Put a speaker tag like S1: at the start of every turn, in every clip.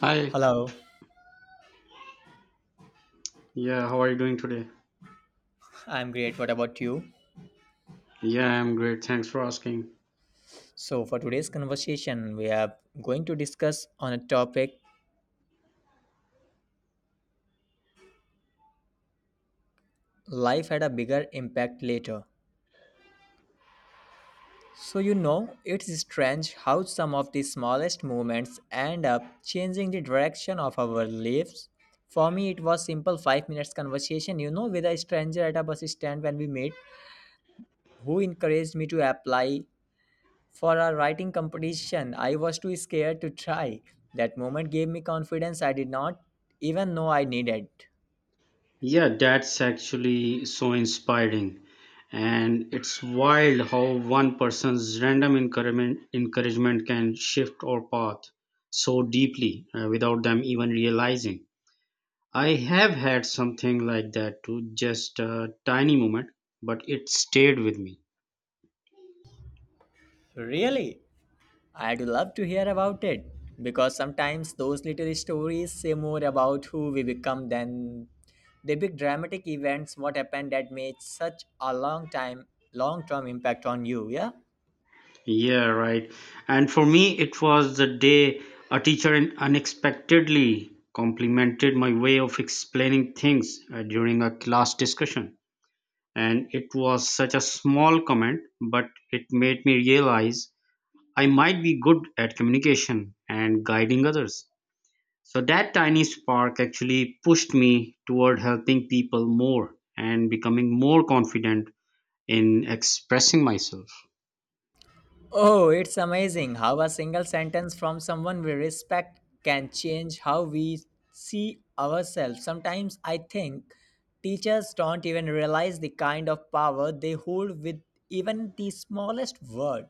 S1: Hi,
S2: Hello,
S1: yeah, how are you doing today?
S2: I'm great. What about you?
S1: Yeah, I'm great. Thanks for asking.
S2: So, for today's conversation, we are going to discuss on a topic life had a bigger impact later. So, it's strange how some of the smallest movements end up changing the direction of our lives. For me, it was simple 5 minutes conversation, with a stranger at a bus stand when we met, who encouraged me to apply for our writing competition, I was too scared to try. That moment gave me confidence I did not even know I needed.
S1: Yeah, that's actually so inspiring. And it's wild how one person's random encouragement can shift our path so deeply without them even realizing. I have had something like that too, just a tiny moment, but it stayed with me.
S2: Really? I'd love to hear about it because sometimes those little stories say more about who we become than the big dramatic events what happened that made such a long term impact on you, yeah.
S1: Yeah, right. And for me, it was the day a teacher unexpectedly complimented my way of explaining things during a class discussion. And it was such a small comment, but it made me realize I might be good at communication and guiding others. So that tiny spark actually pushed me toward helping people more and becoming more confident in expressing myself.
S2: Oh, it's amazing how a single sentence from someone we respect can change how we see ourselves. Sometimes I think teachers don't even realize the kind of power they hold with even the smallest word.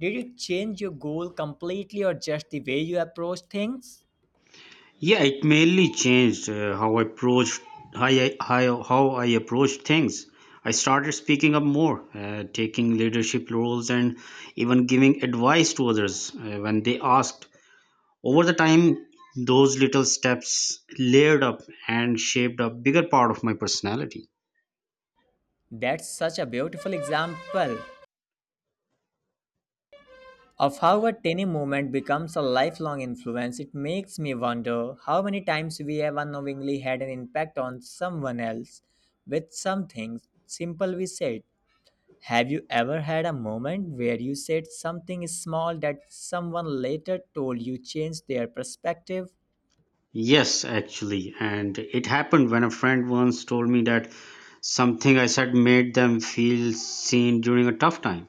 S2: Did it change your goal completely or just the way you approach things?
S1: Yeah, it mainly changed how I approached things. I started speaking up more, taking leadership roles, and even giving advice to others when they asked. Over the time, those little steps layered up and shaped a bigger part of my personality.
S2: That's such a beautiful example of how a tiny moment becomes a lifelong influence. It makes me wonder how many times we have unknowingly had an impact on someone else with something simple we said. Have you ever had a moment where you said something small that someone later told you changed their perspective?
S1: Yes, actually, and it happened when a friend once told me that something I said made them feel seen during a tough time.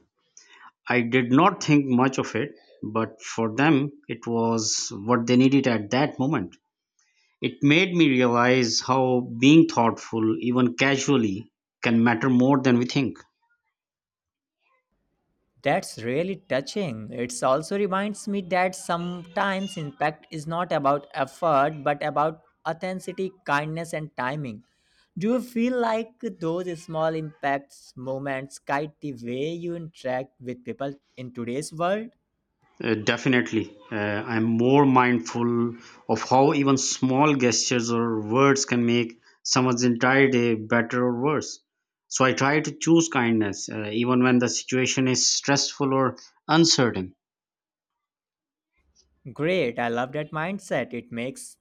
S1: I did not think much of it, but for them, it was what they needed at that moment. It made me realize how being thoughtful, even casually, can matter more than we think.
S2: That's really touching. It also reminds me that sometimes impact is not about effort but about authenticity, kindness, and timing. Do you feel like those small impacts moments guide the way you interact with people in today's world?
S1: Definitely. I'm more mindful of how even small gestures or words can make someone's entire day better or worse. So I try to choose kindness, even when the situation is stressful or uncertain.
S2: Great, I love that mindset. It makes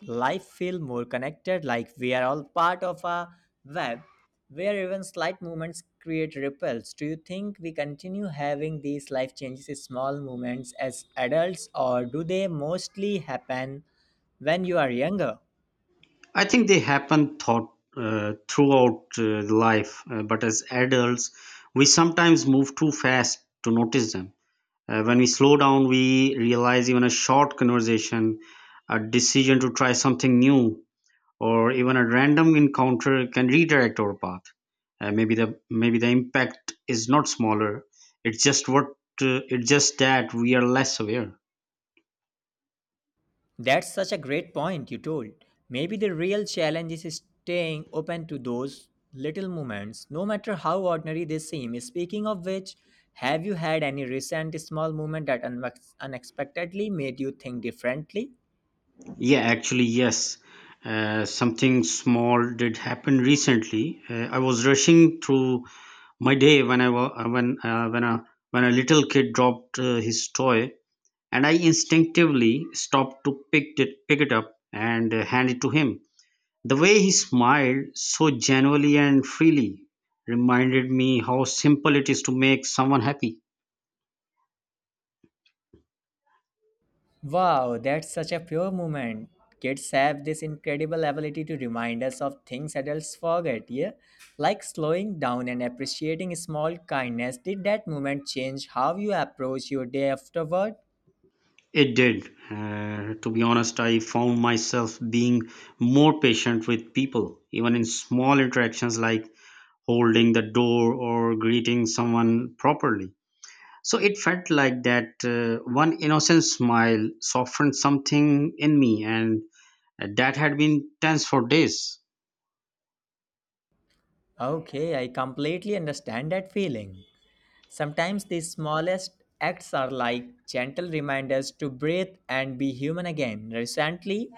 S2: life feel more connected like we are all part of a web where even slight movements create ripples. Do you think we continue having these life changes small movements as adults or do they mostly happen when you are younger?
S1: I think they happen thought throughout life, but as adults, we sometimes move too fast to notice them. When we slow down, we realize even a short conversation, a decision to try something new, or even a random encounter can redirect our path. Maybe the impact is not smaller. It's just what it's just that we are less aware.
S2: That's such a great point you told. Maybe the real challenge is staying open to those little moments, no matter how ordinary they seem. Speaking of which, have you had any recent small moment that unexpectedly made you think differently?
S1: Yeah, actually, yes. Something small did happen recently. I was rushing through my day when I wa- when a little kid dropped his toy, and I instinctively stopped to pick it up and hand it to him. The way he smiled so genuinely and freely reminded me how simple it is to make someone happy.
S2: Wow, that's such a pure moment. Kids have this incredible ability to remind us of things adults forget, yeah? Like slowing down and appreciating small kindness. Did that moment change how you approach your day afterward?
S1: It did. To be honest, I found myself being more patient with people, even in small interactions like holding the door or greeting someone properly. So it felt like that one innocent smile softened something in me, and that had been tense for days.
S2: Okay, I completely understand that feeling. Sometimes the smallest acts are like gentle reminders to breathe and be human again. Recently,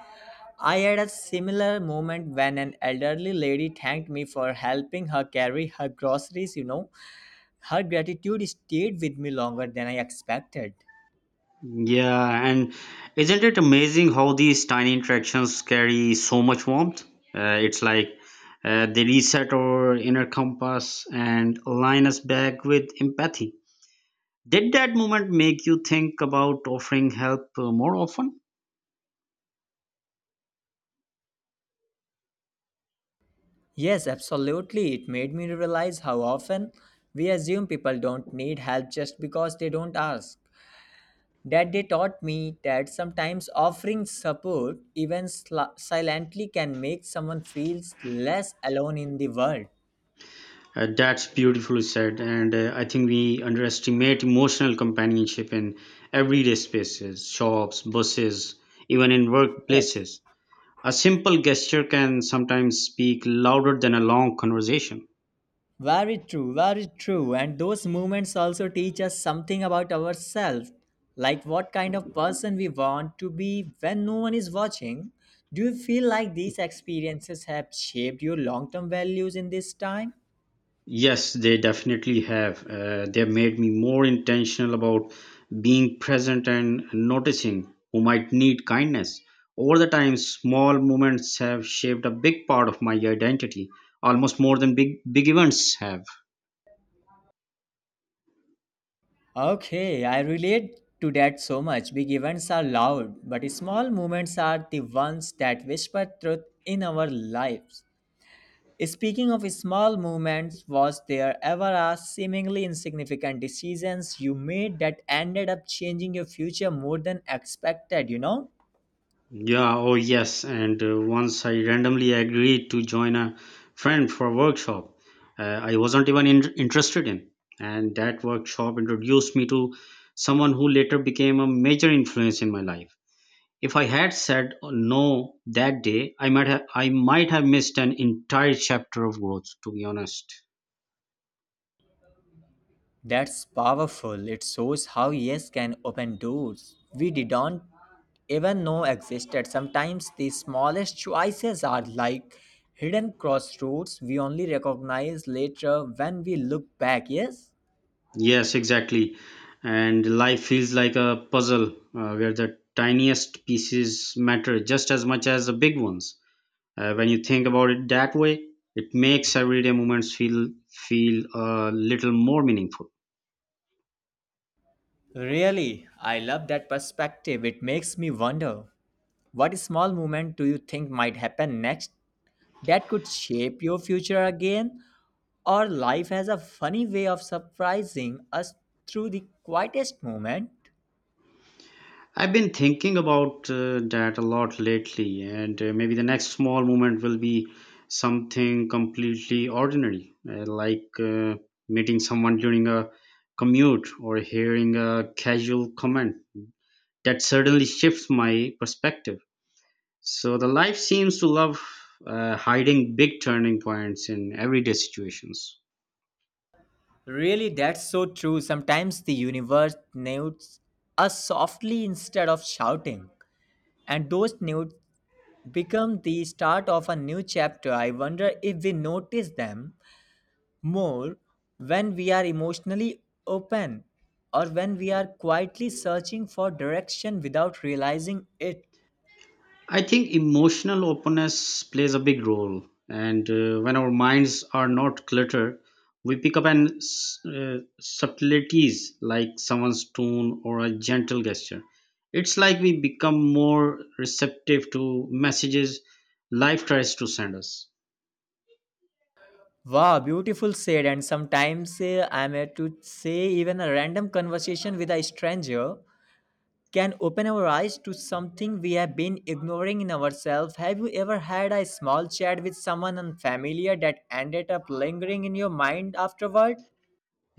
S2: I had a similar moment when an elderly lady thanked me for helping her carry her groceries. Her gratitude stayed with me longer than I expected.
S1: Yeah, and isn't it amazing how these tiny interactions carry so much warmth? It's like they reset our inner compass and align us back with empathy. Did that moment make you think about offering help more often?
S2: Yes, absolutely. It made me realize how often we assume people don't need help just because they don't ask. That they taught me that sometimes offering support, even silently, can make someone feel less alone in the world.
S1: That's beautifully said, and I think we underestimate emotional companionship in everyday spaces, shops, buses, even in
S2: Yes,
S1: workplaces. A simple gesture can sometimes speak louder than a long conversation.
S2: very true, very true. And those moments also teach us something about ourselves, like what kind of person we want to be when no one is watching. Do you feel like these experiences have shaped your long term values in this time?
S1: Yes, they definitely have. They have made me more intentional about being present and noticing who might need kindness. Over the time, small moments have shaped a big part of my identity, almost more than big big events have.
S2: Okay, I relate to that so much. Big events are loud, but small moments are the ones that whisper truth in our lives. Speaking of small moments, was there ever a seemingly insignificant decisions you made that ended up changing your future more than expected?
S1: Yeah, oh yes. And once I randomly agreed to join a friend for a workshop I wasn't even interested in. And that workshop introduced me to someone who later became a major influence in my life. If I had said no that day, I might have missed an entire chapter of growth, to be honest.
S2: That's powerful. It shows how yes can open doors we didn't even know existed. Sometimes the smallest choices are like hidden crossroads we only recognize later when we look back, yes?
S1: Yes, exactly. And life feels like a puzzle where the tiniest pieces matter just as much as the big ones. When you think about it that way, it makes everyday moments feel a little more meaningful.
S2: Really, I love that perspective. It makes me wonder what small movement do you think might happen next that could shape your future again? Or life has a funny way of surprising us through the quietest moment.
S1: I've been thinking about that a lot lately, and maybe the next small moment will be something completely ordinary, like meeting someone during a commute or hearing a casual comment that suddenly shifts my perspective. So the life seems to love hiding big turning points in everyday situations.
S2: Really, that's so true. Sometimes the universe nudges us softly instead of shouting, and those nudes become the start of a new chapter. I wonder if we notice them more when we are emotionally open or when we are quietly searching for direction without realizing it.
S1: I think emotional openness plays a big role, and when our minds are not cluttered, we pick up on subtleties like someone's tone or a gentle gesture. It's like we become more receptive to messages life tries to send us.
S2: Wow, beautiful said. And sometimes I'm here to say even a random conversation with a stranger can open our eyes to something we have been ignoring in ourselves. Have you ever had a small chat with someone unfamiliar that ended up lingering in your mind afterward?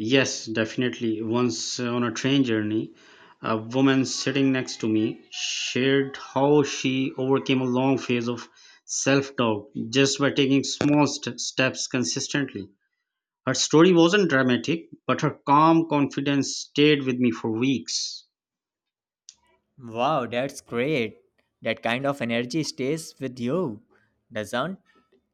S1: Yes, definitely. Once on a train journey, a woman sitting next to me shared how she overcame a long phase of self doubt just by taking small steps consistently. Her story wasn't dramatic, but her calm confidence stayed with me for weeks.
S2: Wow, that's great. That kind of energy stays with you, doesn't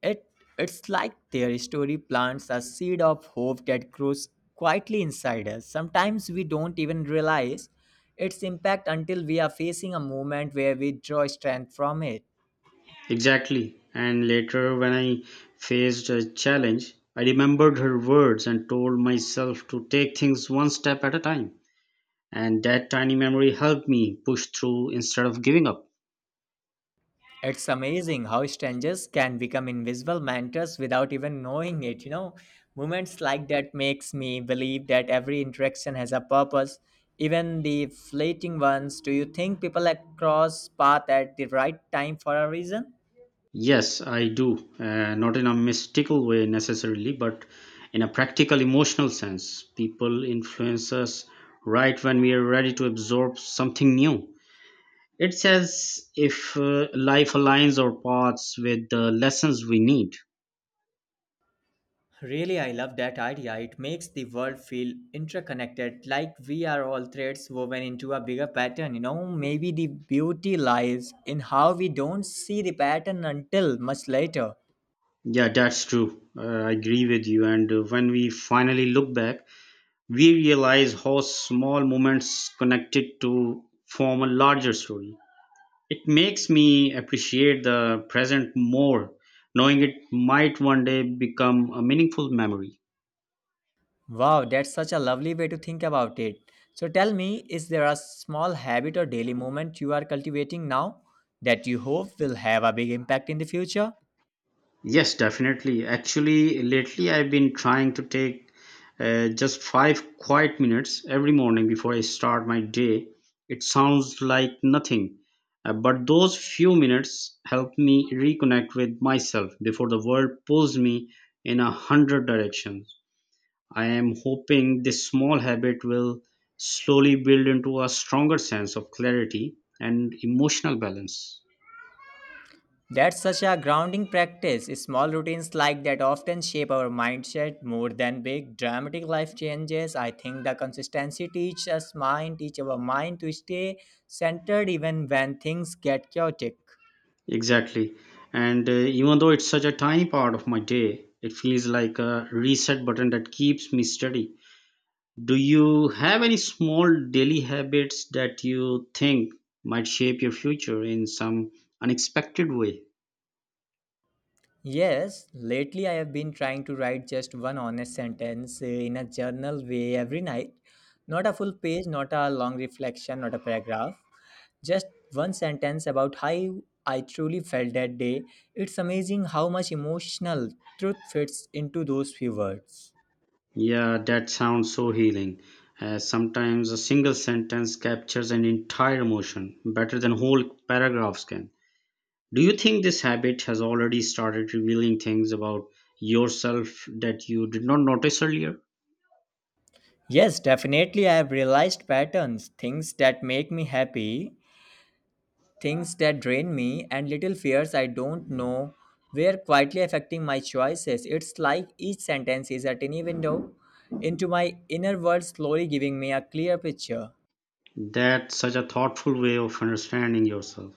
S2: it? It's like their story plants a seed of hope that grows quietly inside us. Sometimes we don't even realize its impact until we are facing a moment where we draw strength from it.
S1: Exactly. And later, when I faced a challenge, I remembered her words and told myself to take things one step at a time. And that tiny memory helped me push through instead of giving up.
S2: It's amazing how strangers can become invisible mentors without even knowing it. Moments like that makes me believe that every interaction has a purpose, even the fleeting ones. Do you think people cross path at the right time for a reason?
S1: Yes, I do. Not in a mystical way necessarily, but in a practical emotional sense. People influence us right when we are ready to absorb something new. It says if life aligns our paths with the lessons we need.
S2: Really, I love that idea. It makes the world feel interconnected, like we are all threads woven into a bigger pattern. Maybe the beauty lies in how we don't see the pattern until much later.
S1: Yeah, that's true. I agree with you. And when we finally look back, we realize how small moments connected to form a larger story. It makes me appreciate the present more, knowing it might one day become a meaningful memory.
S2: Wow, that's such a lovely way to think about it. So tell me, is there a small habit or daily moment you are cultivating now that you hope will have a big impact in the future?
S1: Yes, definitely. Actually, lately I've been trying to take just 5 quiet minutes every morning before I start my day. It sounds like nothing, but those few minutes help me reconnect with myself before the world pulls me in a hundred directions. I am hoping this small habit will slowly build into a stronger sense of clarity and emotional balance.
S2: That's such a grounding practice. Small routines like that often shape our mindset more than big dramatic life changes. I think the consistency teach our mind to stay centered even when things get chaotic.
S1: Exactly. And even though it's such a tiny part of my day, it feels like a reset button that keeps me steady. Do you have any small daily habits that you think might shape your future in some unexpected way?
S2: Yes, lately I have been trying to write just one honest sentence in a journal way every night. Not a full page, not a long reflection, not a paragraph. Just one sentence about how I truly felt that day. It's amazing how much emotional truth fits into those few words.
S1: Yeah, that sounds so healing. Sometimes a single sentence captures an entire emotion better than whole paragraphs can. Do you think this habit has already started revealing things about yourself that you did not notice earlier?
S2: Yes, definitely I have realized patterns, things that make me happy. Things that drain me and little fears I don't know were quietly affecting my choices. It's like each sentence is a tiny window into my inner world, slowly giving me a clear picture.
S1: That's such a thoughtful way of understanding yourself.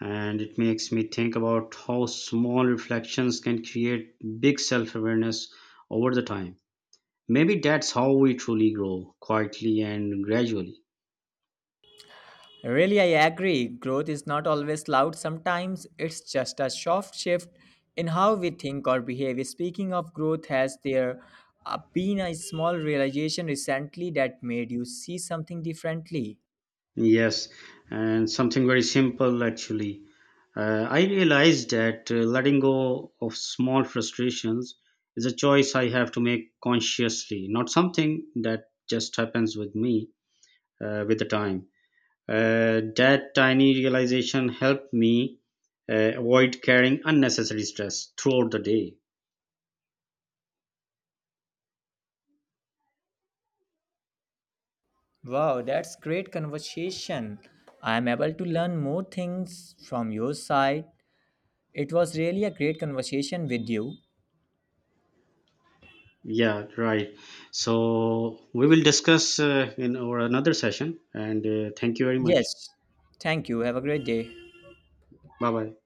S1: And it makes me think about how small reflections can create big self awareness over the time. Maybe that's how we truly grow, quietly and gradually.
S2: Really, I agree. Growth is not always loud, sometimes it's just a soft shift in how we think or behave. Speaking of growth, has there been a small realization recently that made you see something differently?
S1: Yes, and something very simple actually. I realized that letting go of small frustrations is a choice I have to make consciously, not something that just happens with me with the time. That tiny realization helped me avoid carrying unnecessary stress throughout the day.
S2: Wow, that's great conversation. I am able to learn more things from your side. It was really a great conversation with you.
S1: Yeah, right. So we will discuss in our another session, and thank you very much.
S2: Yes. Thank you. Have a great day.
S1: Bye bye.